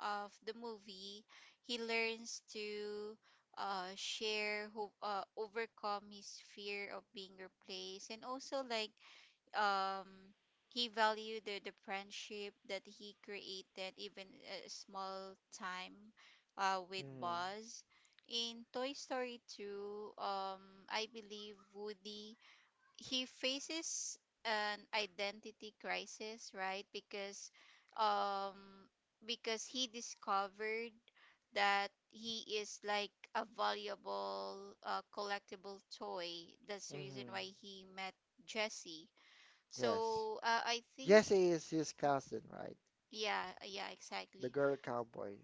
S2: of the movie, he learns to share, who overcome his fear of being replaced, and also like, um, he valued the friendship that he created, even a small time with
S1: Mm-hmm.
S2: Buzz. In Toy Story 2, I believe Woody, he faces an identity crisis, right? Because um he discovered that he is like a valuable collectible toy. That's the
S1: Mm-hmm.
S2: reason why he met Jesse.
S1: Yes.
S2: So I think
S1: Jesse is his cousin, right?
S2: yeah, yeah,
S1: The
S2: exactly.
S1: girl cowboy.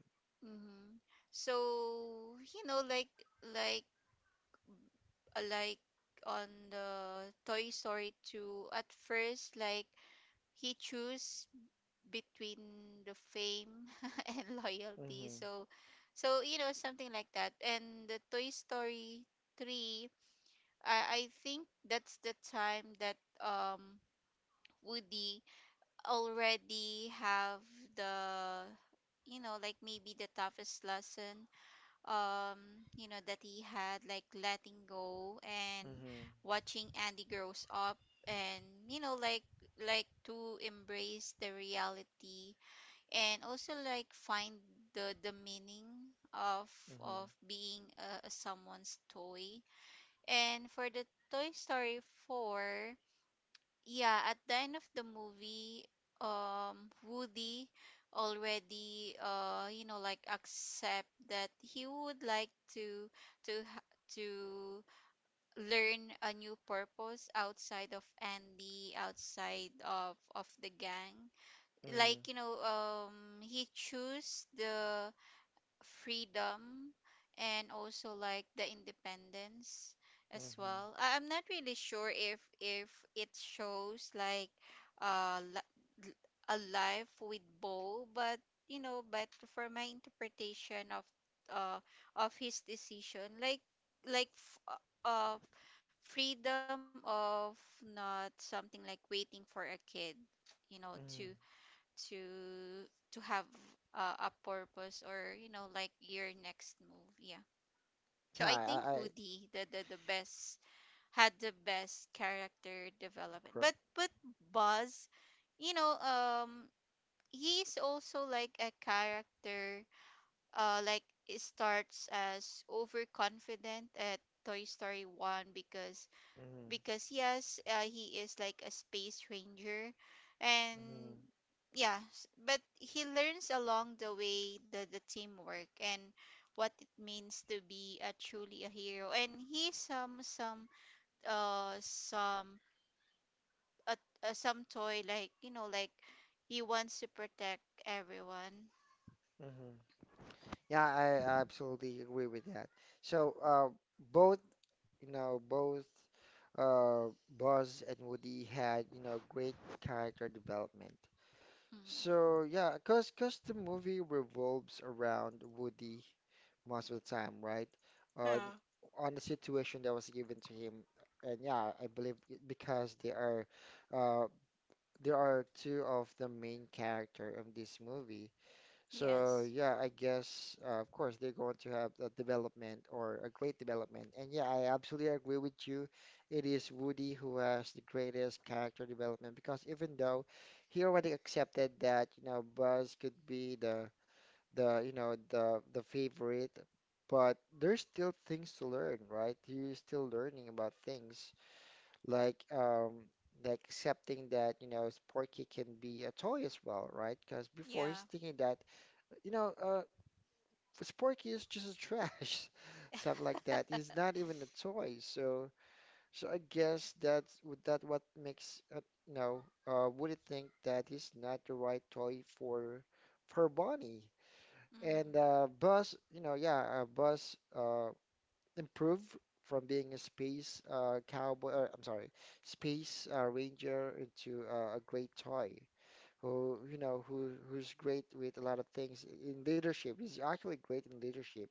S2: Mm-hmm. So you know, like, like uh, like on the Toy Story 2, at first, like, he chose between the fame and loyalty.
S1: Mm-hmm.
S2: So you know, something like that. And the Toy Story three, I think that's the time that um Woody already have the, you know, like maybe the toughest lesson, you know, that he had, like letting go and
S1: Mm-hmm.
S2: watching Andy grows up. And you know, like to embrace the reality, and also like find the meaning of
S1: Mm-hmm.
S2: being a someone's toy. And for the Toy Story 4, yeah, at the end of the movie, Woody already you know, like accept that he would like to learn a new purpose outside of Andy, outside of the gang.
S1: Mm-hmm.
S2: Like, you know, he chose the freedom and also like the independence as
S1: Mm-hmm.
S2: well. I'm not really sure if it shows like uh li- a life with Bo, but you know, but for my interpretation uh of his decision, like, like f- uh uh, freedom of not something like waiting for a kid, you know,
S1: Mm-hmm.
S2: to to have a purpose, or you know, like your next move. Yeah,
S1: Yeah,
S2: so I think Woody, the best had the best character development.
S1: gr-
S2: But Buzz, you know, he's also like a character, like it starts as overconfident at Toy Story 1,
S1: mhm,
S2: because yes, he is like a space ranger,
S1: mhm,
S2: and yeah, but he learns along the way the teamwork and what it means to be a truly a hero. And he some uh some uh, some toy, like you know, like he wants to protect everyone.
S1: mhm. Yeah, I absolutely agree with that. So, both, you know, both uh, Buzz and Woody had, you know, great character development.
S2: Hmm.
S1: So yeah, cause cause the movie revolves around Woody most of the time, right? On the situation that was given to him, and yeah, I believe it- because they are, uh, there are two of the main character of this movie.
S2: Yes.
S1: So yeah, I guess of course they're going to have a development or a great development. And yeah, I absolutely agree with you. It is Woody who has the greatest character development because even though he already accepted that, you know, Buzz could be the you know the favorite, but there's still things to learn, right? He's still learning about things like um like accepting that, you know, Sporky can be a toy as well, right? Because before he's
S2: Yeah.
S1: thinking that you know, Sporky is just a trash, something like that. He's not even a toy. So, so I guess that's would that what makes you know, would it think that he's not the right toy for Bonnie? And
S2: Mm.
S1: Buzz, you know, yeah, Buzz improved from being a space cowboy. Or, I'm sorry, space ranger into a great toy who you know who's great with a lot of things in leadership. He's actually great in leadership,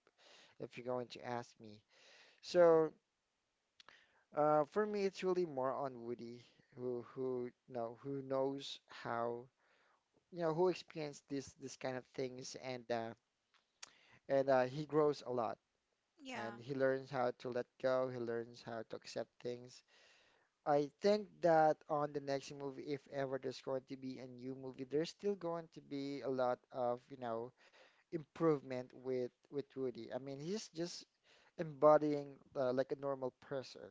S1: if you're going to ask me. So for me, it's really more on Woody, who you know who knows how you know who experienced this kind of things, and he grows a lot, and
S2: Yeah.
S1: he learns how to let go. He learns how to accept things. I think that on the next movie, if ever there's going to be a new movie, there's still going to be a lot of you know improvement with Rudy. I mean, he's just embodying like a normal person,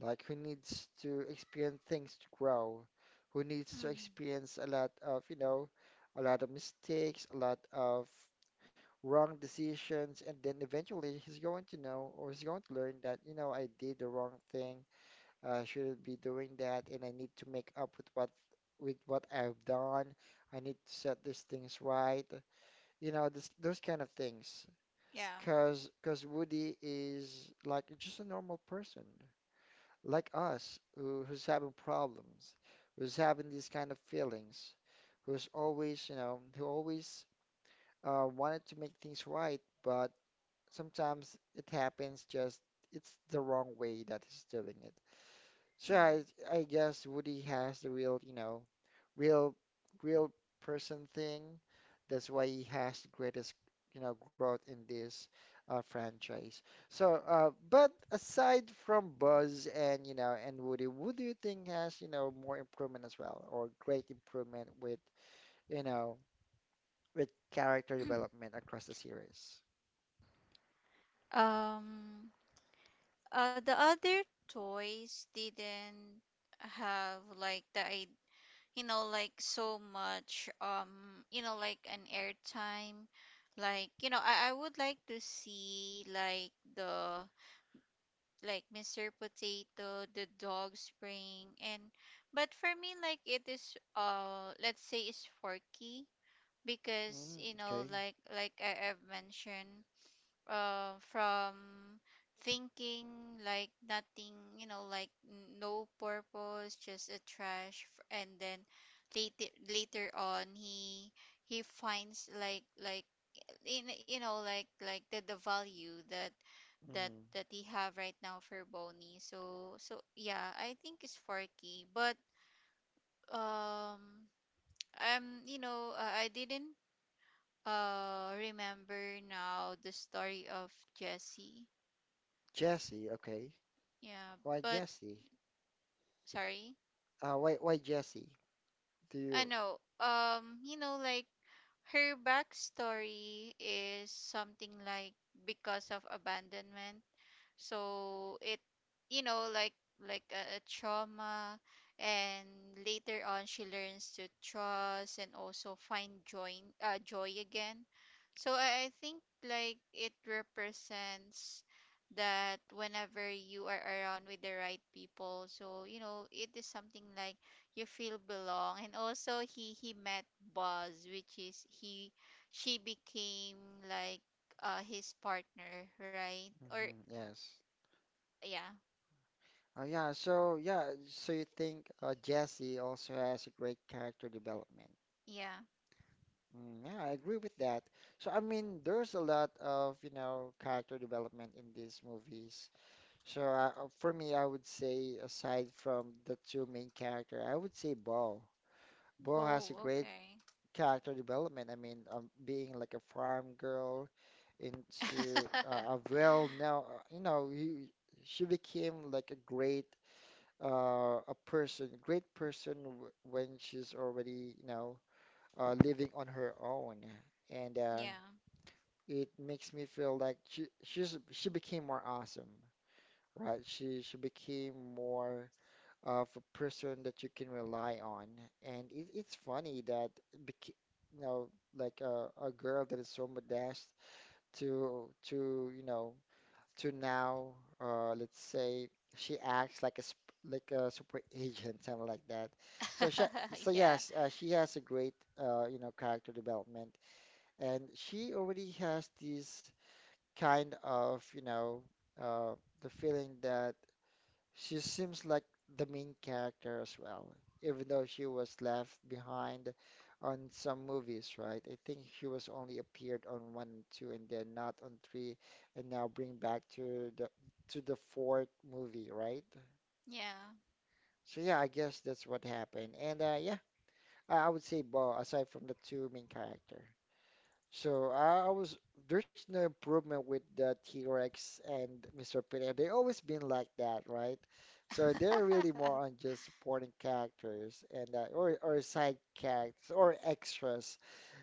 S1: like who needs to experience things to grow, who needs to
S2: Mm.
S1: experience a lot of, you know, a lot of mistakes, a lot of wrong decisions, and then eventually he's going to know or he's going to learn that, you know, I did the wrong thing. I shouldn't be doing that, and I need to make up with what I've done. I need to set these things right. You know, this, those kind of things.
S2: Yeah.
S1: Cause Woody is like just a normal person, like us, who, who's having problems, who's having these kind of feelings, who's always, you know, who always wanted to make things right, but sometimes it happens just it's the wrong way that he's doing it. So
S2: Mm.
S1: I guess Woody has the real, you know, real, real person thing. That's why he has the greatest, you know, growth in this franchise. So, but aside from Buzz and, you know, and Woody, who do you think has, you know, more improvement as well, or great improvement with, you know, with character development across the series?
S2: Um. The other toys didn't have like you know, like so much, you know, like an airtime. Like, you know, I would like to see like the, like Mr. Potato, the dog spring, and but for me, like it is, let's say it's Forky, because
S1: Mm,
S2: you know,
S1: okay.
S2: like, I've mentioned, from thinking like nothing, you know, like no purpose, just a trash. And then later on, he finds like in you know like, the value that
S1: Hmm.
S2: that he have right now for Bonnie. So so yeah, I think it's Forky. But, um I'm, you know, I didn't remember now the story of Jesse.
S1: Jesse, okay.
S2: Yeah,
S1: Why
S2: but
S1: Jesse?
S2: sorry.
S1: Why Jesse? Do
S2: I
S1: you?
S2: know. You know, like, her backstory is something like because of abandonment. So it, you know, like a trauma, and later on she learns to trust and also find joy, joy again. So I think like it represents that whenever you are around with the right people, so you know, it is something like you feel belong. And also he met Buzz, which is he, she became like his partner, right? Or
S1: Hmm, yes.
S2: yeah.
S1: Yeah, so yeah, so you think Jesse also has a great character development.
S2: Yeah.
S1: Mm, yeah, I agree with that. So I mean, there's a lot of, you know, character development in these movies. So for me, I would say aside from the two main character, I would say Bo. Bo
S2: Bo,
S1: has a great
S2: okay.
S1: character development. I mean, being like a farm girl into a well now, you know, he, she became like a great a person, great person, when she's already, you know, living on her own, and
S2: Yeah.
S1: it makes me feel like she's she became more awesome, right? She became more of a person that you can rely on, and it's funny that you know, like a girl that is so modest to you know to now, let's say she acts like like a super agent, something like that. So so
S2: Yeah.
S1: yes, she has a great you know character development, and she already has this kind of you know uh, the feeling that she seems like the main character as well, even though she was left behind on some movies, right? I think she was only appeared on one and two and then not on three, and now bring back to the fourth movie, right?
S2: Yeah.
S1: So yeah, I guess that's what happened. And yeah, I would say Bo, aside from the two main character. So I was there's no improvement with the T-Rex and Mr. Pinhead. They always been like that, right? So they're really more on just supporting characters and or side characters or extras,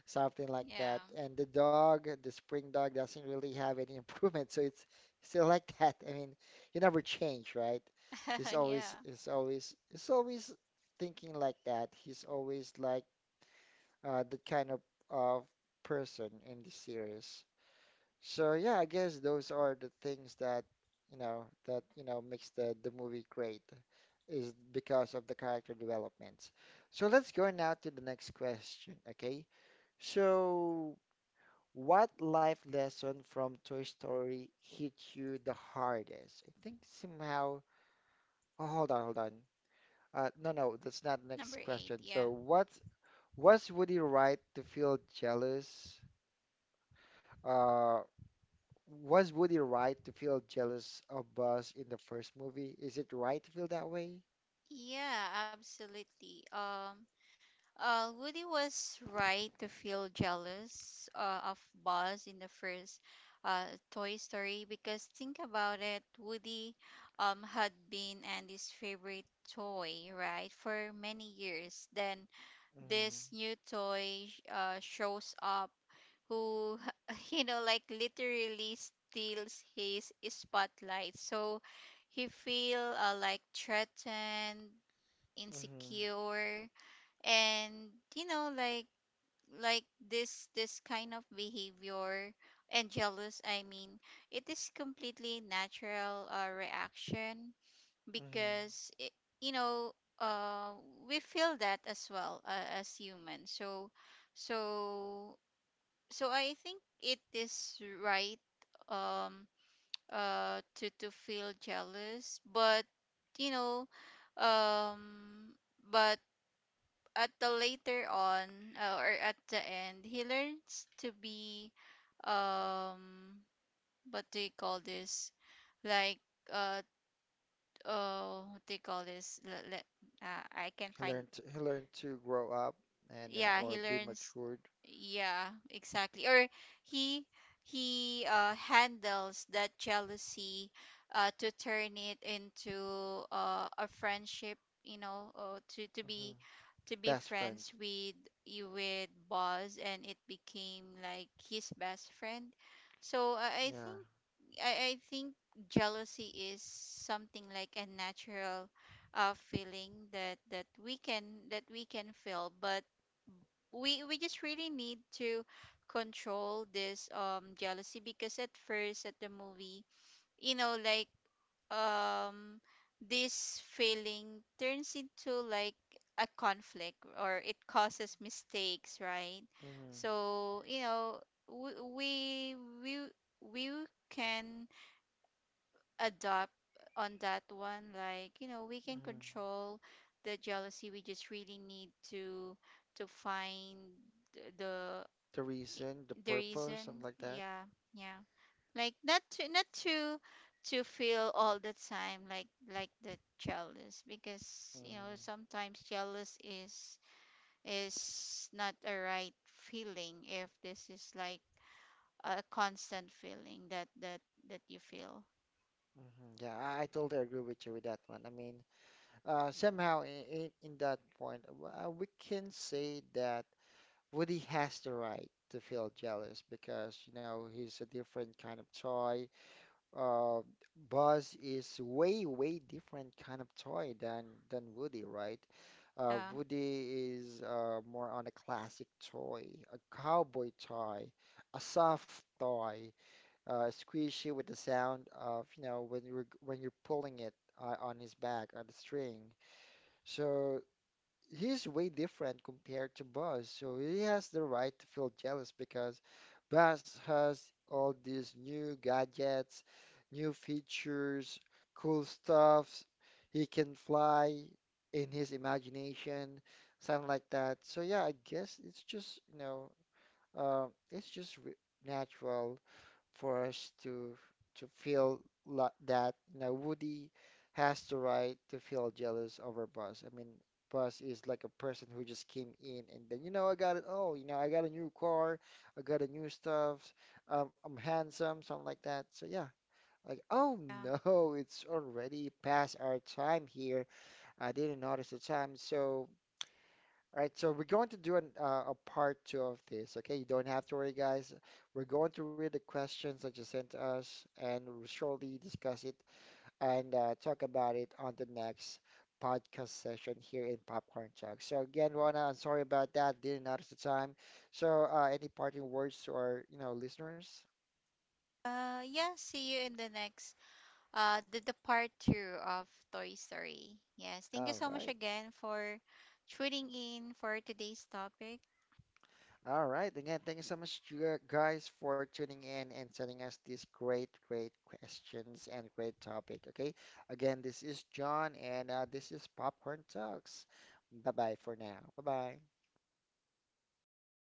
S1: something like
S2: Yeah.
S1: that. And the dog, the spring dog, doesn't really have any improvement, so it's still like that. I mean, you never change, right? He's
S2: Yeah.
S1: always he's always he's always thinking like that. He's always like that kind of person in the series. So yeah, I guess those are the things that you know makes the movie great is because of the character developments. So let's go now to the next question, okay? So what life lesson from Toy Story hit you the hardest? I think somehow. Oh, hold on, hold on. No, that's not the
S2: Number
S1: next
S2: eight.
S1: question.
S2: Yeah.
S1: So what? What's Woody right to feel jealous? uh Was Woody right to feel jealous of Buzz in the first movie? Is it right to feel that way?
S2: Yeah, absolutely. Woody was right to feel jealous of Buzz in the first uh, Toy Story, because think about it, Woody had been Andy's favorite toy, right, for many years. Then
S1: Mm-hmm.
S2: this new toy shows up, who, you know, like, literally steals his spotlight. So he feel like threatened,
S1: Mm-hmm.
S2: insecure. And you know, like, like this this kind of behavior and jealous, I mean, it is completely natural reaction
S1: Mm-hmm.
S2: because it, you know, uh, we feel that as well, as humans. So so I think it is right, um to feel jealous. But, you know, um but at the later on, or at the end, he learns to be, um what do you call this? Like, uh oh, what they call this? Let I can find.
S1: He learned to grow up and
S2: Yeah,
S1: or
S2: he
S1: be
S2: learns,
S1: matured.
S2: yeah, exactly. Or he he handles that jealousy, to turn it into a friendship. You know,
S1: Hmm.
S2: to be
S1: Best friend.
S2: friends with, you with boss, and it became like his best friend. So I
S1: Yeah.
S2: think, I think jealousy is something like a natural feeling that that we can, that we can feel. But we just really need to control this, jealousy. Because at first at the movie, you know, like, um this feeling turns into like a conflict, or it causes mistakes, right?
S1: Mm-hmm.
S2: So you know, we we we, we can adopt on that one, like you know, we can
S1: Mm-hmm.
S2: control the jealousy. We just really need to find the
S1: The reason, the
S2: the
S1: purpose, something
S2: reason,
S1: like that.
S2: yeah. Yeah, like not to to feel all the time like the jealous. Because you know,
S1: Mm-hmm.
S2: sometimes jealous is not a right feeling if this is like a constant feeling that you feel.
S1: Mm-hmm. Yeah, I totally agree with you with that one. I mean, somehow in that point, we can say that. Woody has the right to feel jealous because, you know, he's a different kind of toy. Uh, Buzz is way, way different kind of toy than Woody, right?
S2: Yeah.
S1: Woody is more on a classic toy, a cowboy toy, a soft toy, squishy with the sound of, you know, when you're pulling it on his back on the string. So he's way different compared to Buzz, so he has the right to feel jealous because Buzz has all these new gadgets, new features, cool stuffs. He can fly in his imagination, something like that. So yeah, I guess it's just, you know, it's just re natural for us to feel that you know Woody has the right to feel jealous over Buzz. I mean, Buzz is like a person who just came in and then you know I got it all. You know I got a new car, I got a new stuff. I'm handsome, something like that. So yeah, like oh,
S2: Yeah.
S1: no, it's already past our time here. I didn't notice the time, so all right, so we're going to do a part two of this. Okay, you don't have to worry, guys. We're going to read the questions that you sent us, and we'll surely discuss it and talk about it on the next podcast session here in Popcorn Talk. So again, Rona, I'm sorry about that. Didn't notice the time. So any parting words to our, you know, listeners?
S2: Yeah, see you in the next, the part two of Toy Story. Yes, thank you
S1: All
S2: so much
S1: right.
S2: again for tuning in for today's topic.
S1: All right. Again, thank you so much, you guys, for tuning in and sending us these great, great questions and great topic. Okay. Again, this is John, and this is Popcorn Talks. Bye bye for now. Bye bye.